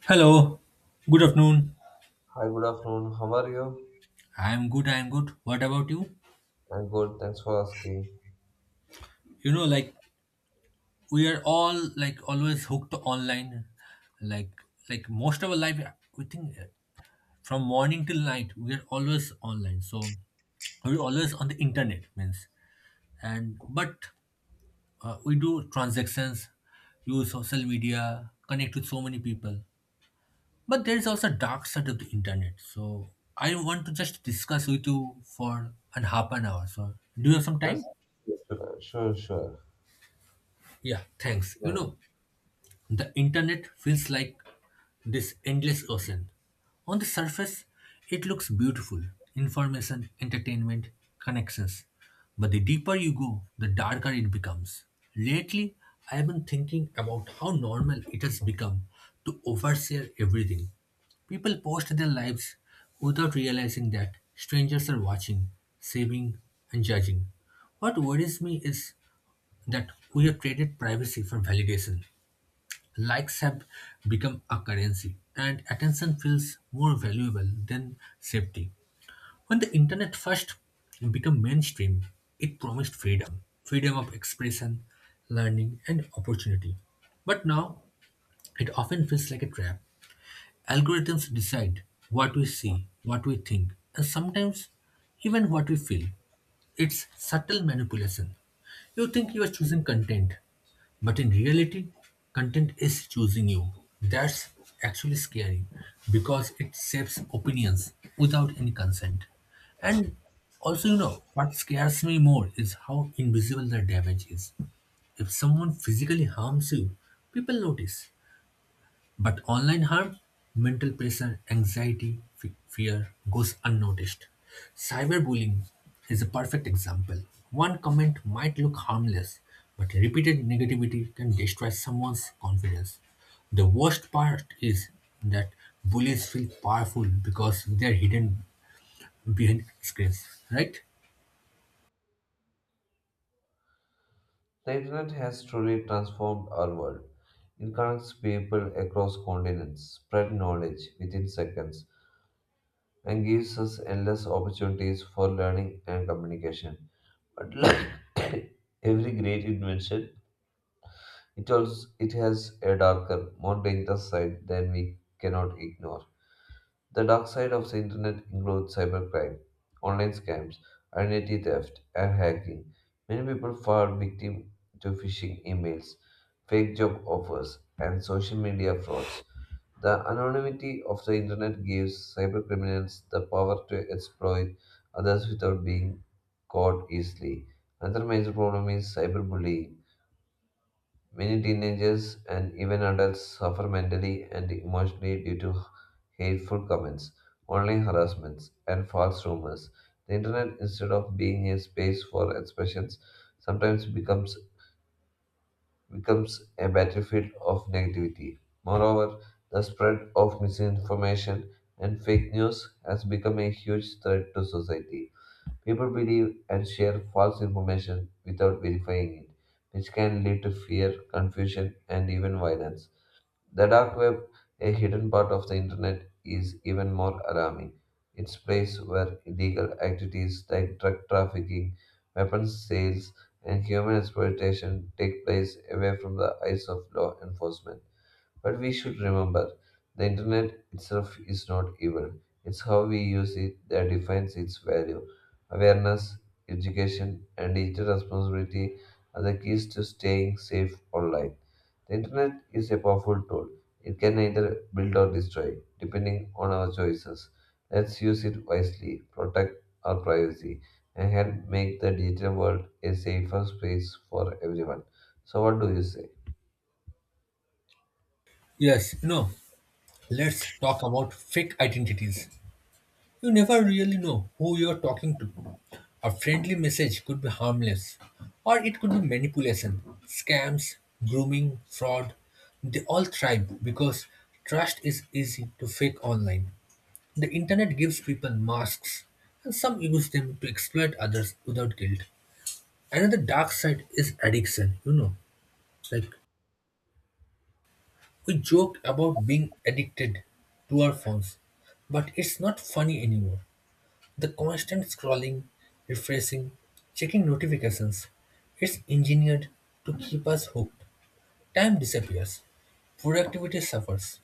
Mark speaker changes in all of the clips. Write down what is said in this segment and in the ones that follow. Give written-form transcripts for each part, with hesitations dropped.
Speaker 1: Hello, good afternoon.
Speaker 2: Hi, good afternoon. How are you?
Speaker 1: I'm good, I'm good. What about you?
Speaker 2: I'm good. Thanks for asking.
Speaker 1: Like we are all like always hooked online. Like like most of our life we think from morning till night we are always online. So we're always on the internet means and but we do transactions, use social media, connect with so many people. But there is also a dark side of the internet. So I want to just discuss with you for an half an hour. So do you have some
Speaker 2: Yes,
Speaker 1: time?
Speaker 2: sure, sure.
Speaker 1: Yeah, thanks. You
Speaker 2: Right.
Speaker 1: know, the internet feels like this endless ocean. On the surface, it looks beautiful information, entertainment, connections. But the deeper you go, the darker it becomes. Lately, I have been thinking about how normal it has become to overshare everything. People post their lives without realizing that strangers are watching, saving, and judging. What worries me is that we have traded privacy for validation. Likes have become a currency, and attention feels more valuable than safety. When the internet first became mainstream, it promised freedom of expression, learning, and opportunity. But now, it often feels like a trap. Algorithms decide what we see, what we think, and sometimes even what we feel. It's subtle manipulation. You think you are choosing content, but in reality, content is choosing you. That's actually scary because it shapes opinions without any consent. And also, what scares me more is how invisible the damage is. If someone physically harms you, people notice. But online harm, mental pressure, anxiety, fear goes unnoticed. Cyberbullying is a perfect example. One comment might look harmless, but repeated negativity can destroy someone's confidence. The worst part is that bullies feel powerful because they're hidden behind screens, right?
Speaker 2: The internet has truly transformed our world. It connects people across continents, spread knowledge within seconds, and gives us endless opportunities for learning and communication. But like every great invention, it has a darker, more dangerous side than we cannot ignore. The dark side of the internet includes cybercrime, online scams, identity theft, and hacking. Many people fall victim to phishing emails, fake job offers, and social media frauds. The anonymity of the internet gives cybercriminals the power to exploit others without being caught easily. Another major problem is cyberbullying. Many teenagers and even adults suffer mentally and emotionally due to hateful comments, online harassments, and false rumors. The internet, instead of being a space for expressions, sometimes becomes a battlefield of negativity. Moreover, the spread of misinformation and fake news has become a huge threat to society. People believe and share false information without verifying it, which can lead to fear, confusion, and even violence. The dark web, a hidden part of the internet, is even more alarming. It's place where illegal activities like drug trafficking, weapons sales, and human exploitation take place away from the eyes of law enforcement. But we should remember the internet itself is not evil, it's how we use it that defines its value. Awareness, education, and digital responsibility are the keys to staying safe online. The internet is a powerful tool, it can either build or destroy, depending on our choices. Let's use it wisely, protect our privacy, and help make the digital world a safer space for everyone. So, what do you say?
Speaker 1: Yes, let's talk about fake identities. You never really know who you're talking to. A friendly message could be harmless, or it could be manipulation, scams, grooming, fraud. They all thrive because trust is easy to fake online. The internet gives people masks, and some use them to exploit others without guilt. Another dark side is addiction. Like, we joke about being addicted to our phones, but it's not funny anymore. The constant scrolling, refreshing, checking notifications, it's engineered to keep us hooked. Time disappears, productivity suffers,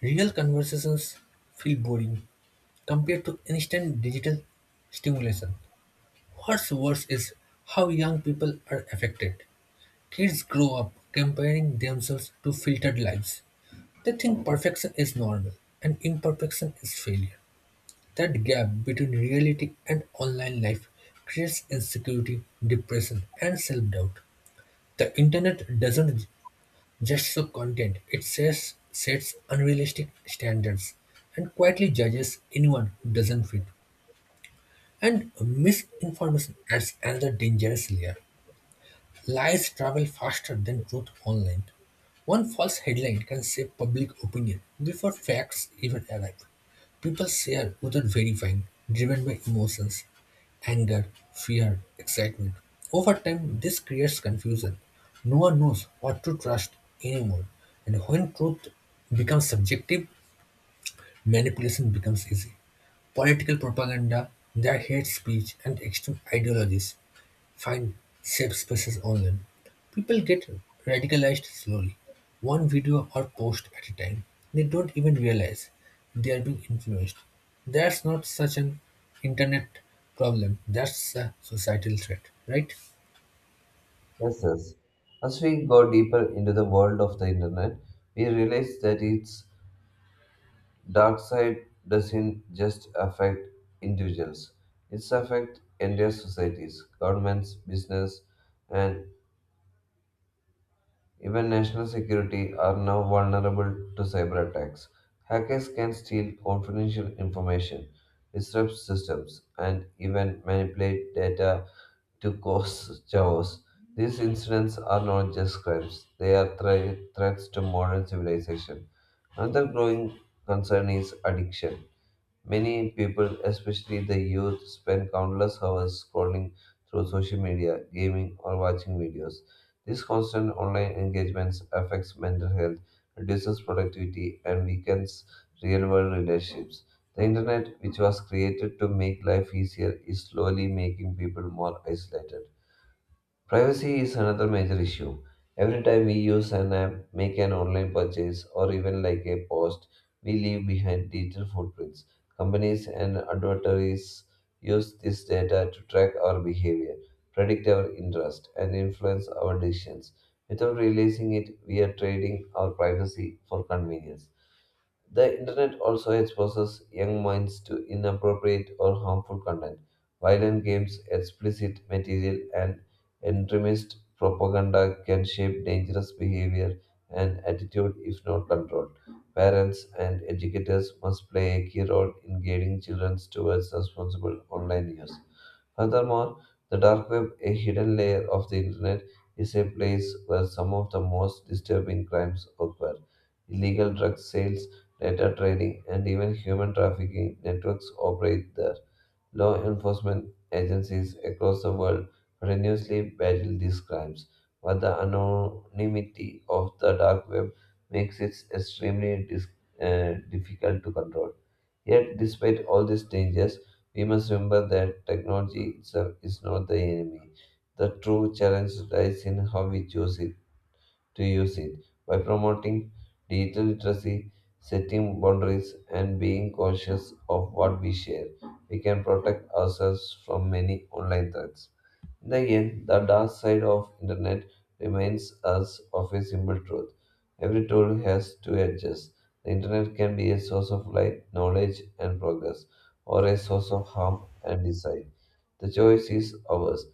Speaker 1: real conversations feel boring compared to instant digital stimulation. What's worse is how young people are affected. Kids grow up comparing themselves to filtered lives. They think perfection is normal and imperfection is failure. That gap between reality and online life creates insecurity, depression, and self doubt. The internet doesn't just show content, it sets unrealistic standards and quietly judges anyone who doesn't fit. And misinformation adds another dangerous layer. Lies travel faster than truth online. One false headline can shape public opinion before facts even arrive. People share without verifying, driven by emotions, anger, fear, excitement. Over time, this creates confusion. No one knows what to trust anymore, and when truth becomes subjective, manipulation becomes easy. Political propaganda, their hate speech, and extreme ideologies find safe spaces online, people get radicalized slowly, one video or post at a time. They don't even realize they are being influenced. That's not such an internet problem. That's a societal threat, right?
Speaker 2: Yes, yes. As we go deeper into the world of the internet, we realize that its dark side doesn't just affect individuals. It's affect entire societies, governments, business, and even national security are now vulnerable to cyber attacks. Hackers can steal confidential information, disrupt systems, and even manipulate data to cause chaos. These incidents are not just crimes, they are threats to modern civilization. Another growing concern is addiction. Many people, especially the youth, spend countless hours scrolling through social media, gaming, or watching videos. This constant online engagement affects mental health, reduces productivity, and weakens real world relationships. The internet, which was created to make life easier, is slowly making people more isolated. Privacy is another major issue. Every time we use an app, make an online purchase, or even like a post, we leave behind digital footprints. Companies and advertisers use this data to track our behavior, predict our interest, and influence our decisions. Without realizing it, we are trading our privacy for convenience. The internet also exposes young minds to inappropriate or harmful content, violent games, explicit material, and extremist propaganda can shape dangerous behavior and attitude if not controlled. Parents and educators must play a key role in guiding children towards responsible online use. Furthermore, the dark web, a hidden layer of the internet, is a place where some of the most disturbing crimes occur. Illegal drug sales, data trading, and even human trafficking networks operate there. Law enforcement agencies across the world continuously battle these crimes, but the anonymity of the dark web makes it extremely difficult to control. Yet, despite all these dangers, we must remember that technology itself is not the enemy. The true challenge lies in how we choose it to use it. By promoting digital literacy, setting boundaries, and being cautious of what we share, we can protect ourselves from many online threats. Then again, the dark side of internet reminds us of a simple truth. Every tool has two edges. The internet can be a source of light, knowledge, and progress, or a source of harm and design. The choice is ours.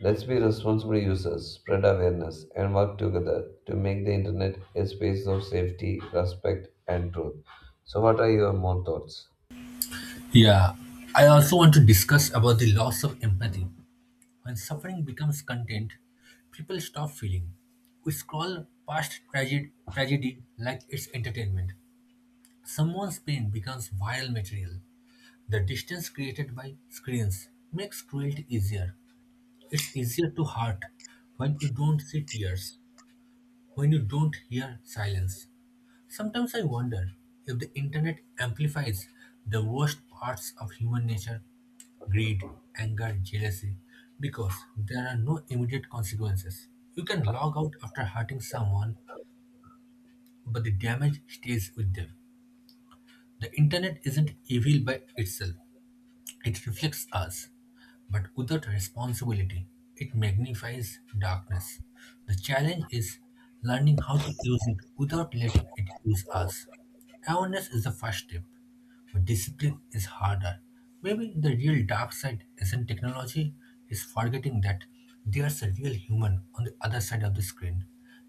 Speaker 2: Let's be responsible users, spread awareness, and work together to make the internet a space of safety, respect, and truth. So, what are your more thoughts?
Speaker 1: Yeah, I also want to discuss about the loss of empathy. When suffering becomes content, people stop feeling. We scroll past tragedy like it's entertainment. Someone's pain becomes viral material. The distance created by screens makes cruelty easier. It's easier to hurt when you don't see tears, when you don't hear silence. Sometimes I wonder if the internet amplifies the worst parts of human nature greed, anger, jealousy because there are no immediate consequences. You can log out after hurting someone, but the damage stays with them. The internet isn't evil by itself, it reflects us. But without responsibility, it magnifies darkness. The challenge is learning how to use it without letting it use us. Awareness is the first step. But discipline is harder. Maybe the real dark side isn't technology, it's forgetting that there's a real human on the other side of the screen.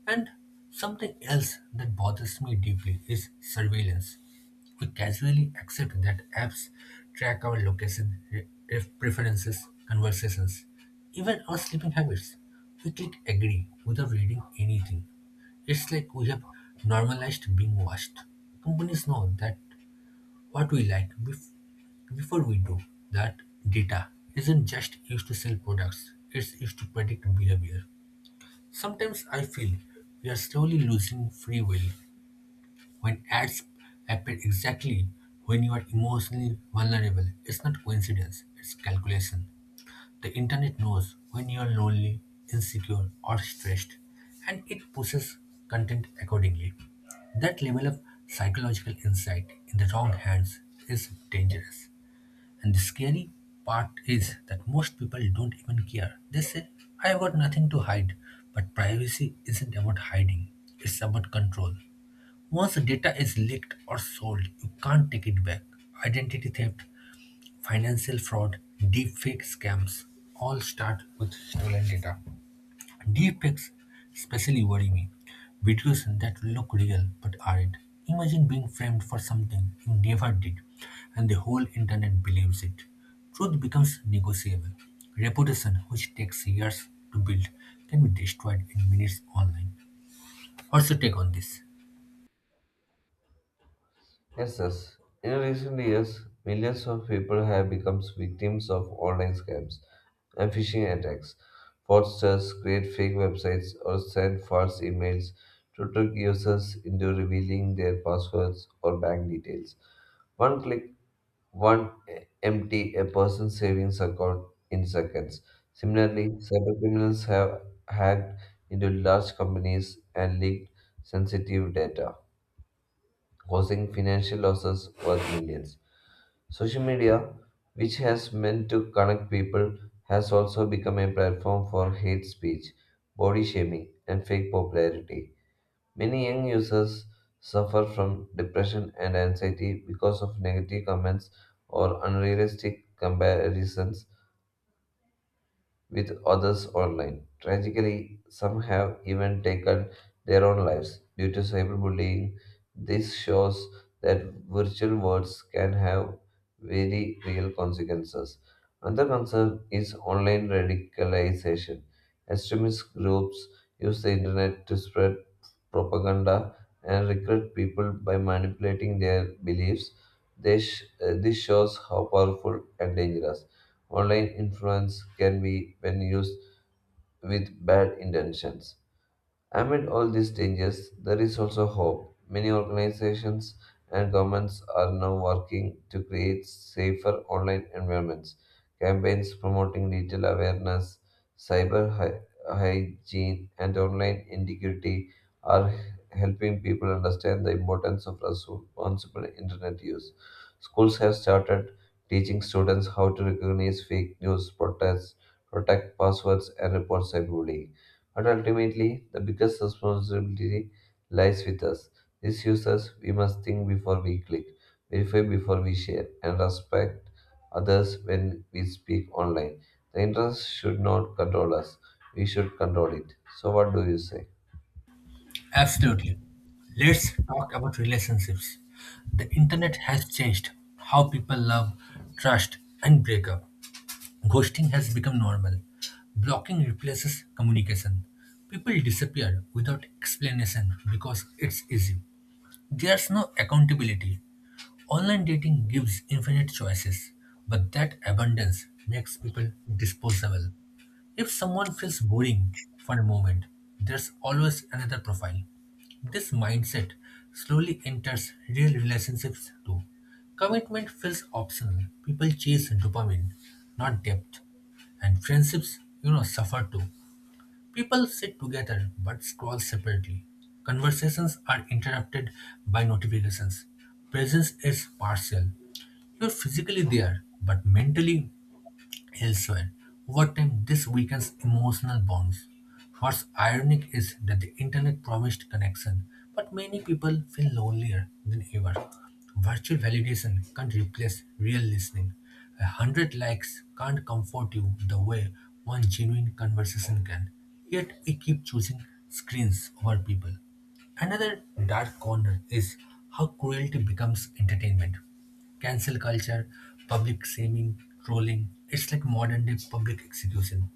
Speaker 1: And something else that bothers me deeply is surveillance. We casually accept that apps track our location, preferences, conversations, even our sleeping habits. We click agree without reading anything. It's like we have normalized being watched. Companies know that what we like before we do. That data isn't just used to sell products, it's used to predict behavior. Sometimes I feel we are slowly losing free will when ads appear exactly when you are emotionally vulnerable. It's not coincidence, it's calculation. The internet knows when you are lonely, insecure, or stressed, and it pushes content accordingly. That level of psychological insight in the wrong hands is dangerous. And the scary part is that most people don't even care. They say, I've got nothing to hide. But privacy isn't about hiding, it's about control. Once the data is leaked or sold, you can't take it back. Identity theft, financial fraud, deepfake scams all start with stolen data. Deepfakes especially worry me. Videos that look real but aren't. Imagine being framed for something you never did and the whole internet believes it. Truth becomes negotiable. Reputation, which takes years to build, can be destroyed in minutes online. What's your take on this?
Speaker 2: Yes, yes. In recent years, millions of people have become victims of online scams and phishing attacks. Fraudsters create fake websites or send false emails to trick users into revealing their passwords or bank details. One click, one empty a person's savings account in seconds. Similarly, cybercriminals have hacked into large companies and leaked sensitive data causing financial losses worth millions. Social media, which has meant to connect people, has also become a platform for hate speech, body shaming, and fake popularity. Many young users suffer from depression and anxiety because of negative comments or unrealistic comparisons with others online. Tragically, some have even taken their own lives due to cyberbullying. This shows that virtual words can have very real consequences. Another concern is online radicalization. Extremist groups use the internet to spread propaganda and recruit people by manipulating their beliefs. This shows how powerful and dangerous online influence can be when used with bad intentions. Amid all these dangers, there is also hope. Many organizations and governments are now working to create safer online environments. Campaigns promoting digital awareness, cyber hy- hygiene, and online integrity are helping people understand the importance of responsible internet use. Schools have started teaching students how to recognize fake news, protest, protect passwords, and report cyberbullying. But ultimately, the biggest responsibility lies with us. These users, we must think before we click, verify before we share, and respect others when we speak online. The internet should not control us, we should control it. So, what do you say?
Speaker 1: Absolutely. Let's talk about relationships. The internet has changed how people love, trust, and break up. Ghosting has become normal. Blocking replaces communication. People disappear without explanation because it's easy. There's no accountability. Online dating gives infinite choices, but that abundance makes people disposable. If someone feels boring for a moment, there's always another profile. This mindset slowly enters real relationships too. Commitment feels optional. People chase dopamine, not depth. And friendships, suffer too. People sit together but scroll separately. Conversations are interrupted by notifications. Presence is partial. You're physically there, but mentally elsewhere, over time, this weakens emotional bonds. What's ironic is that the internet promised connection, but many people feel lonelier than ever. Virtual validation can't replace real listening. 100 likes can't comfort you the way one genuine conversation can. Yet we keep choosing screens over people. Another dark corner is how cruelty becomes entertainment. Cancel culture, public shaming, trolling. It's like modern day public execution.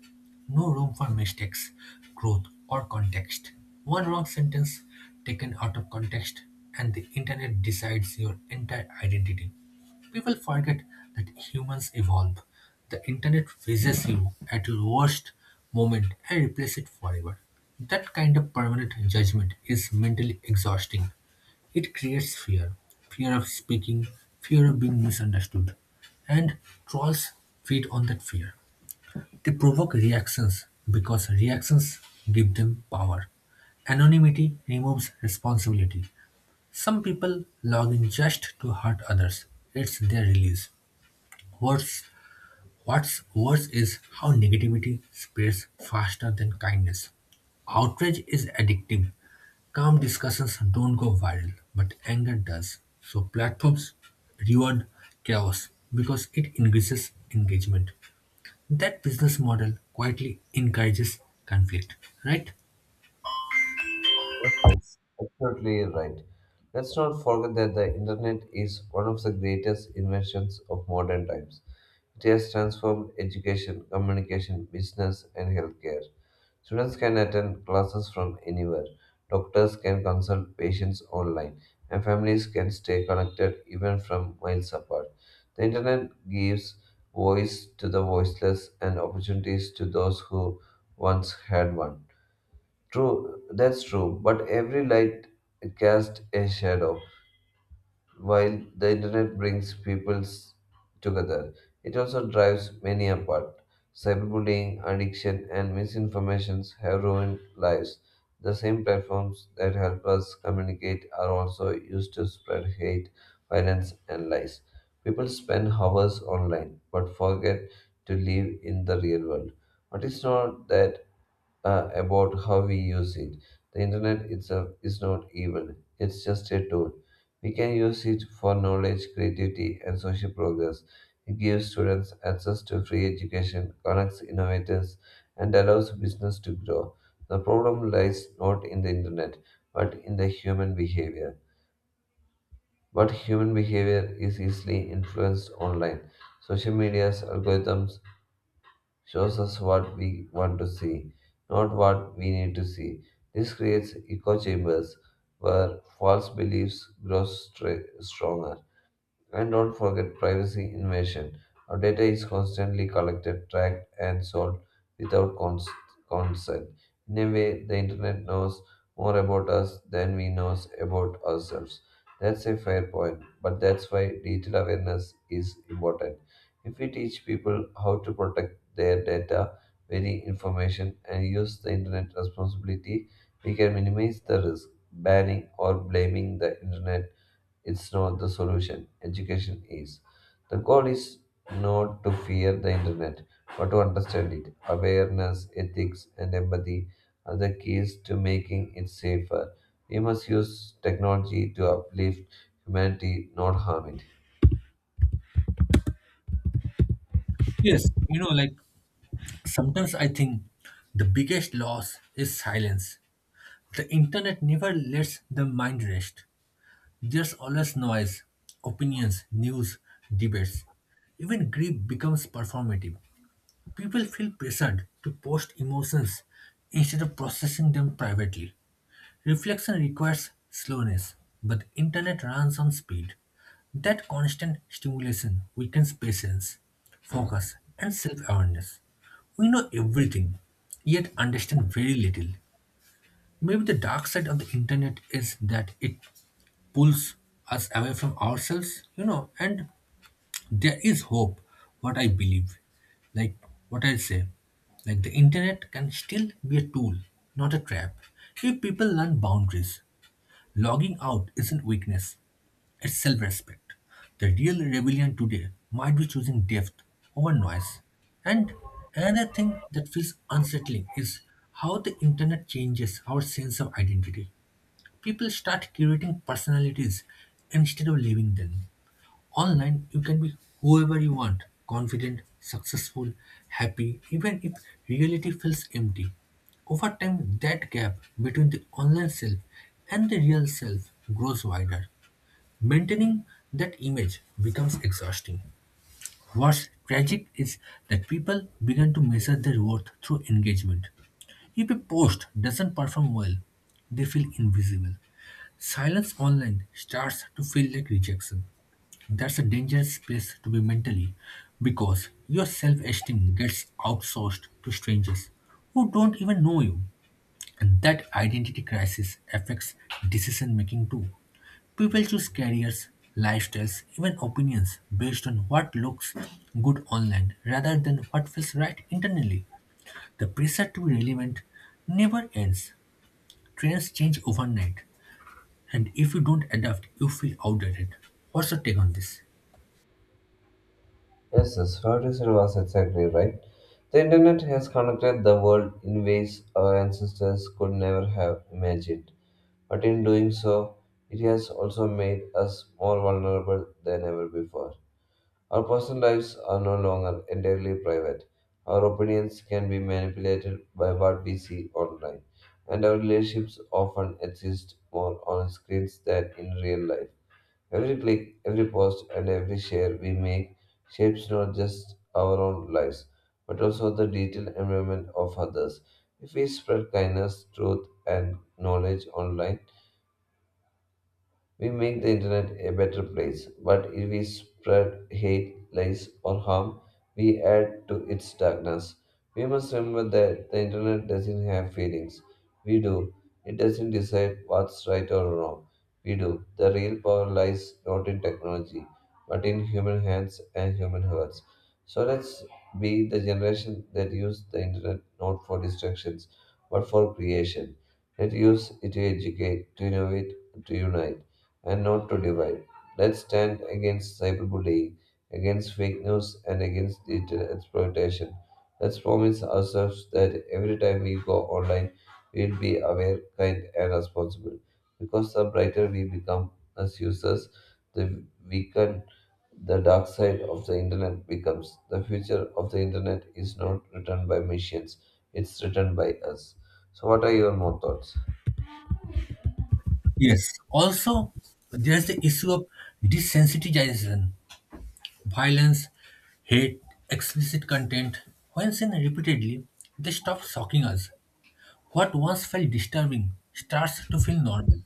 Speaker 1: No room for mistakes, growth, or context. One wrong sentence taken out of context, and the internet decides your entire identity. People forget that humans evolve. The internet freezes you at your worst moment and replaces it forever. That kind of permanent judgment is mentally exhausting. It creates fear of speaking, fear of being misunderstood. And trolls feed on that fear. They provoke reactions because reactions give them power. Anonymity removes responsibility. Some people log in just to hurt others. It's their release. Worse, what's worse is how negativity spreads faster than kindness. Outrage is addictive. Calm discussions don't go viral, but anger does. So platforms reward chaos because it increases engagement. That business model quietly encourages conflict, right?
Speaker 2: Yes, absolutely right. Let's not forget that the internet is one of the greatest inventions of modern times. It has transformed education, communication, business, and healthcare. Students can attend classes from anywhere. Doctors can consult patients online, and families can stay connected even from miles apart. The internet gives voice to the voiceless and opportunities to those who once had one. True, that's true, but every light casts a shadow. While the internet brings together, it also drives many apart. Cyberbullying, addiction, and misinformations have ruined lives. The same platforms that help us communicate are also used to spread hate, violence, and lies. People spend hours online but forget to live in the real world. But it's not that about how we use it. The internet itself is not evil, it's just a tool. We can use it for knowledge, creativity, and social progress. It gives students access to free education, connects innovators, and allows business to grow. The problem lies not in the internet, but in the human behavior. But human behavior is easily influenced online. Social media's algorithms shows us what we want to see, not what we need to see. This creates echo chambers where false beliefs grow stronger. And don't forget privacy invasion. Our data is constantly collected, tracked, and sold without consent. In a way, the internet knows more about us than we know about ourselves. That's a fair point, but that's why digital awareness is important. If we teach people how to protect their data, very information, and use the internet responsibility, we can minimize the risk. Banning or blaming the internet it's not the solution. Education is. The goal is not to fear the internet, but to understand it. Awareness, ethics, and empathy are the keys to making it safer. We must use technology to uplift humanity, not harm it.
Speaker 1: Yes, like sometimes I think the biggest loss is silence. The internet never lets the mind rest. There's always noise, opinions, news, debates. Even grief becomes performative. People feel pressured to post emotions instead of processing them privately. Reflection requires slowness, but internet runs on speed. That constant stimulation weakens patience, focus, and self awareness. We know everything, yet understand very little. Maybe the dark side of the internet is that it pulls us away from ourselves, and there is hope, what I believe. Like what I say, like the internet can still be a tool, not a trap. If people learn boundaries, logging out isn't weakness, it's self respect. The real rebellion today might be choosing depth over noise. And another thing that feels unsettling is how the internet changes our sense of identity. People start curating personalities instead of living them. Online, you can be whoever you want confident, successful, happy, even if reality feels empty. Over time, that gap between the online self and the real self grows wider. Maintaining that image becomes exhausting. What's tragic is that people begin to measure their worth through engagement. If a post doesn't perform well, they feel invisible. Silence online starts to feel like rejection. That's a dangerous place to be mentally because your self esteem gets outsourced to strangers who don't even know you. And that identity crisis affects decision making too. People choose careers, lifestyles, even opinions based on what looks good online rather than what feels right internally. The pressure to be relevant never ends. Trends change overnight, and if you don't adapt, you feel outdated. What's your take on this?
Speaker 2: Yes, yes, what you said was exactly right. The internet has connected the world in ways our ancestors could never have imagined. But in doing so, it has also made us more vulnerable than ever before. Our personal lives are no longer entirely private. Our opinions can be manipulated by what we see online, and our relationships often exist more on screens than in real life. Every click, every post, and every share we make shapes not just our own lives, but also the digital environment of others. If we spread kindness, truth, and knowledge online, we make the internet a better place, but if we spread hate, lies, or harm, we add to its darkness. We must remember that the internet doesn't have feelings. We do. It doesn't decide what's right or wrong. We do. The real power lies not in technology, but in human hands and human hearts. So let's be the generation that use the internet not for distractions, but for creation. Let use it to educate, to innovate, to unite and not to divide. Let's stand against cyberbullying, against fake news, and against digital exploitation. Let's promise ourselves that every time we go online, we'll be aware, kind, and responsible. Because the brighter we become as users, the weaker the dark side of the internet becomes. The future of the internet is not written by machines, it's written by us. So, what are your more thoughts?
Speaker 1: Yes. Also, there's the issue of desensitization, violence, hate, explicit content. When seen repeatedly, they stop shocking us. What once felt disturbing starts to feel normal.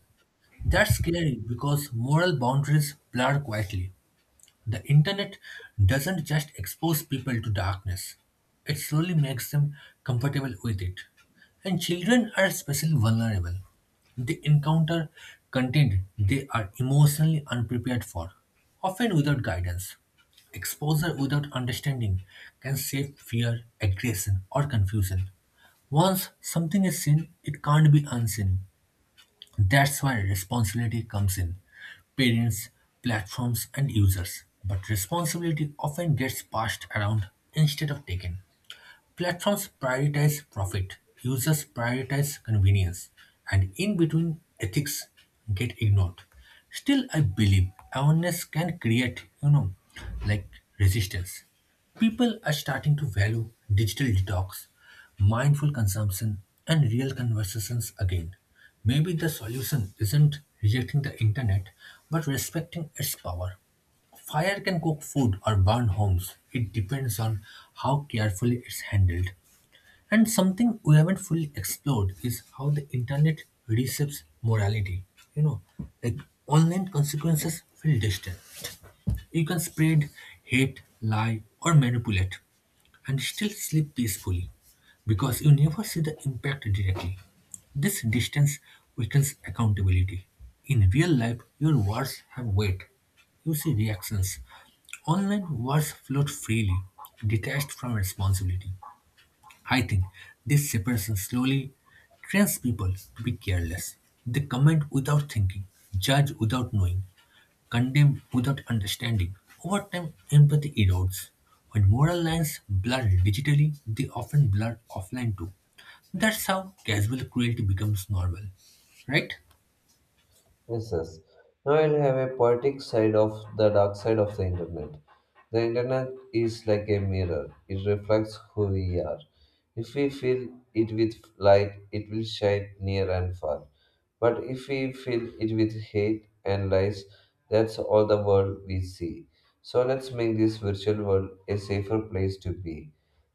Speaker 1: That's scary because moral boundaries blur quietly. The internet doesn't just expose people to darkness, it slowly makes them comfortable with it. And children are especially vulnerable. They encounter content they are emotionally unprepared for, often without guidance. Exposure without understanding can shape fear, aggression, or confusion. Once something is seen, it can't be unseen. That's where responsibility comes in. Parents, platforms, and users. But responsibility often gets passed around instead of taken. Platforms prioritize profit, users prioritize convenience, and in between ethics get ignored. Still, I believe awareness can create, like resistance. People are starting to value digital detox, mindful consumption, and real conversations again. Maybe the solution isn't rejecting the internet, but respecting its power. Fire can cook food or burn homes. It depends on how carefully it's handled. And something we haven't fully explored is how the internet receives morality. You know, like online consequences feel distant, you can spread hate, lie, or manipulate and still sleep peacefully because you never see the impact directly. This distance weakens accountability. In real life, your words have weight. You see reactions. Online words float freely, detached from responsibility. I think this separation slowly trains people to be careless. They comment without thinking, judge without knowing, condemned without understanding. Over time, empathy erodes. When moral lines blur digitally, they often blur offline too. That's how casual cruelty becomes normal, right?
Speaker 2: Yes, yes. Now I'll have a poetic side of the dark side of the internet. The internet is like a mirror, it reflects who we are. If we fill it with light, it will shine near and far. But if we fill it with hate and lies, that's all the world we see. So let's make this virtual world a safer place to be.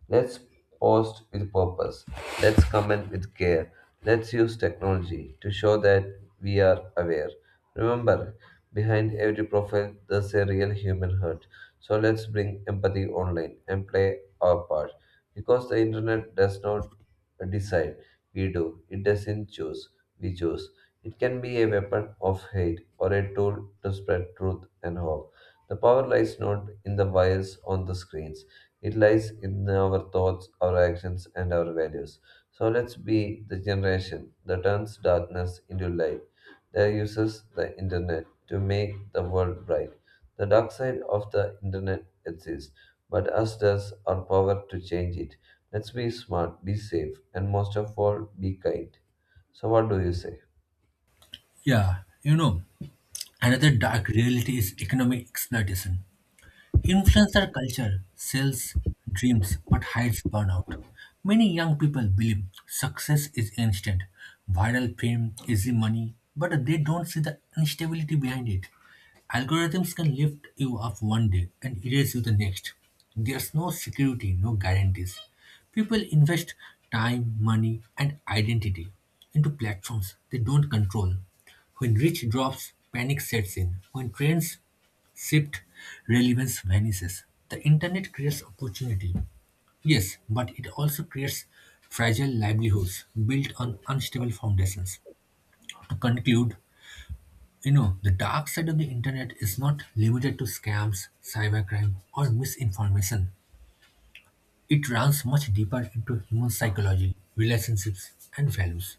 Speaker 2: Let's post with purpose. Let's comment with care. Let's use technology to show that we are aware. Remember, behind every profile, there's a real human hurt. So let's bring empathy online and play our part. Because the internet does not decide, we do. It doesn't choose, we choose. It can be a weapon of hate or a tool to spread truth and hope. The power lies not in the wires on the screens, it lies in our thoughts, our actions, and our values. So let's be the generation that turns darkness into light, that uses the internet to make the world bright. The dark side of the internet exists, but us does our power to change it. Let's be smart, be safe, and most of all, be kind. So, what do you say?
Speaker 1: Yeah, another dark reality is economic exploitation. Influencer culture sells dreams but hides burnout. Many young people believe success is instant, viral fame, easy money, but they don't see the instability behind it. Algorithms can lift you up one day and erase you the next. There's no security, no guarantees. People invest time, money, and identity into platforms they don't control. When reach drops, panic sets in. When trends shift, relevance vanishes. The internet creates opportunity, yes, but it also creates fragile livelihoods built on unstable foundations. To conclude, the dark side of the internet is not limited to scams, cybercrime, or misinformation. It runs much deeper into human psychology, relationships, and values.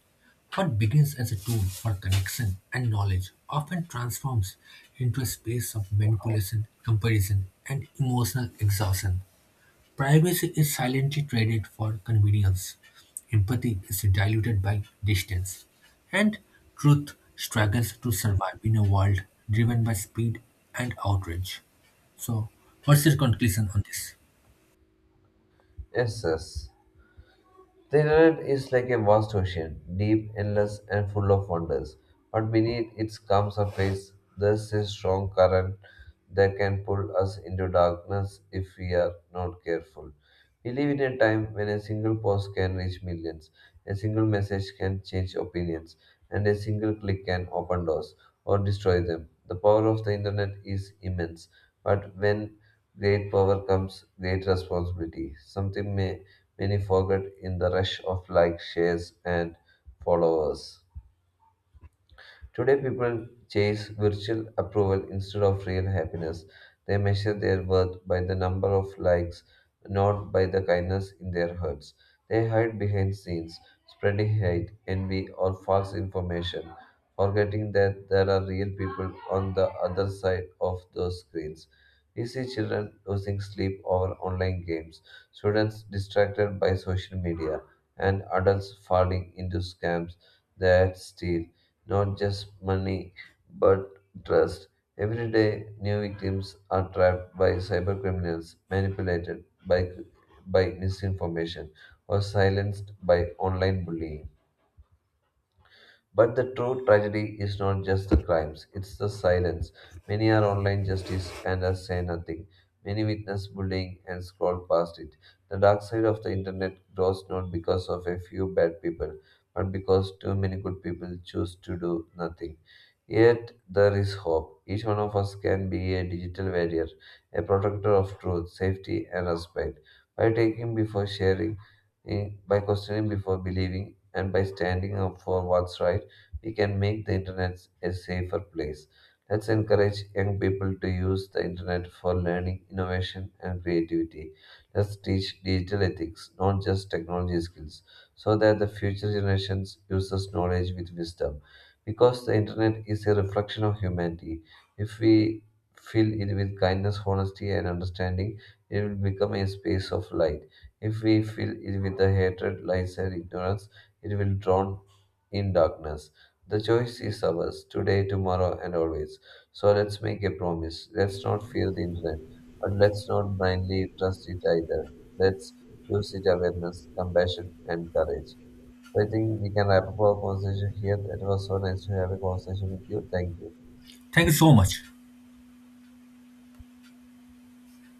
Speaker 1: What begins as a tool for connection and knowledge often transforms into a space of manipulation, comparison, and emotional exhaustion. Privacy is silently traded for convenience, empathy is diluted by distance, and truth struggles to survive in a world driven by speed and outrage. So, what's your conclusion on this?
Speaker 2: Yes, yes. The internet is like a vast ocean, deep, endless, and full of wonders. But beneath its calm surface, there's a strong current that can pull us into darkness if we are not careful. We live in a time when a single post can reach millions, a single message can change opinions, and a single click can open doors or destroy them. The power of the internet is immense, but when great power comes great responsibility, many forget in the rush of likes, shares, and followers. Today, people chase virtual approval instead of real happiness. They measure their worth by the number of likes, not by the kindness in their hearts. They hide behind scenes, spreading hate, envy, or false information, forgetting that there are real people on the other side of those screens. We see children losing sleep over online games, students distracted by social media, and adults falling into scams that steal not just money, but trust. Every day, new victims are trapped by cybercriminals, by misinformation, or silenced by online bullying. But the true tragedy is not just the crimes, it's the silence. Many are online justice and us say nothing. Many witness bullying and scroll past it. The dark side of the internet grows not because of a few bad people, but because too many good people choose to do nothing. Yet there is hope. Each one of us can be a digital warrior, a protector of truth, safety, and respect. By taking before sharing, by questioning before believing, and by standing up for what's right, we can make the internet a safer place. Let's encourage young people to use the internet for learning, innovation, and creativity. Let's teach digital ethics, not just technology skills, so that the future generations uses knowledge with wisdom. Because the internet is a reflection of humanity, if we fill it with kindness, honesty, and understanding, it will become a space of light. If we fill it with the hatred, lies, and ignorance, it will drown in darkness. The choice is ours today, tomorrow, and always. So let's make a promise. Let's not fear the internet, but let's not blindly trust it either. Let's use it awareness, compassion, and courage. So I think we can wrap up our conversation here. It was so nice to have a conversation with you. Thank you.
Speaker 1: Thank you so much.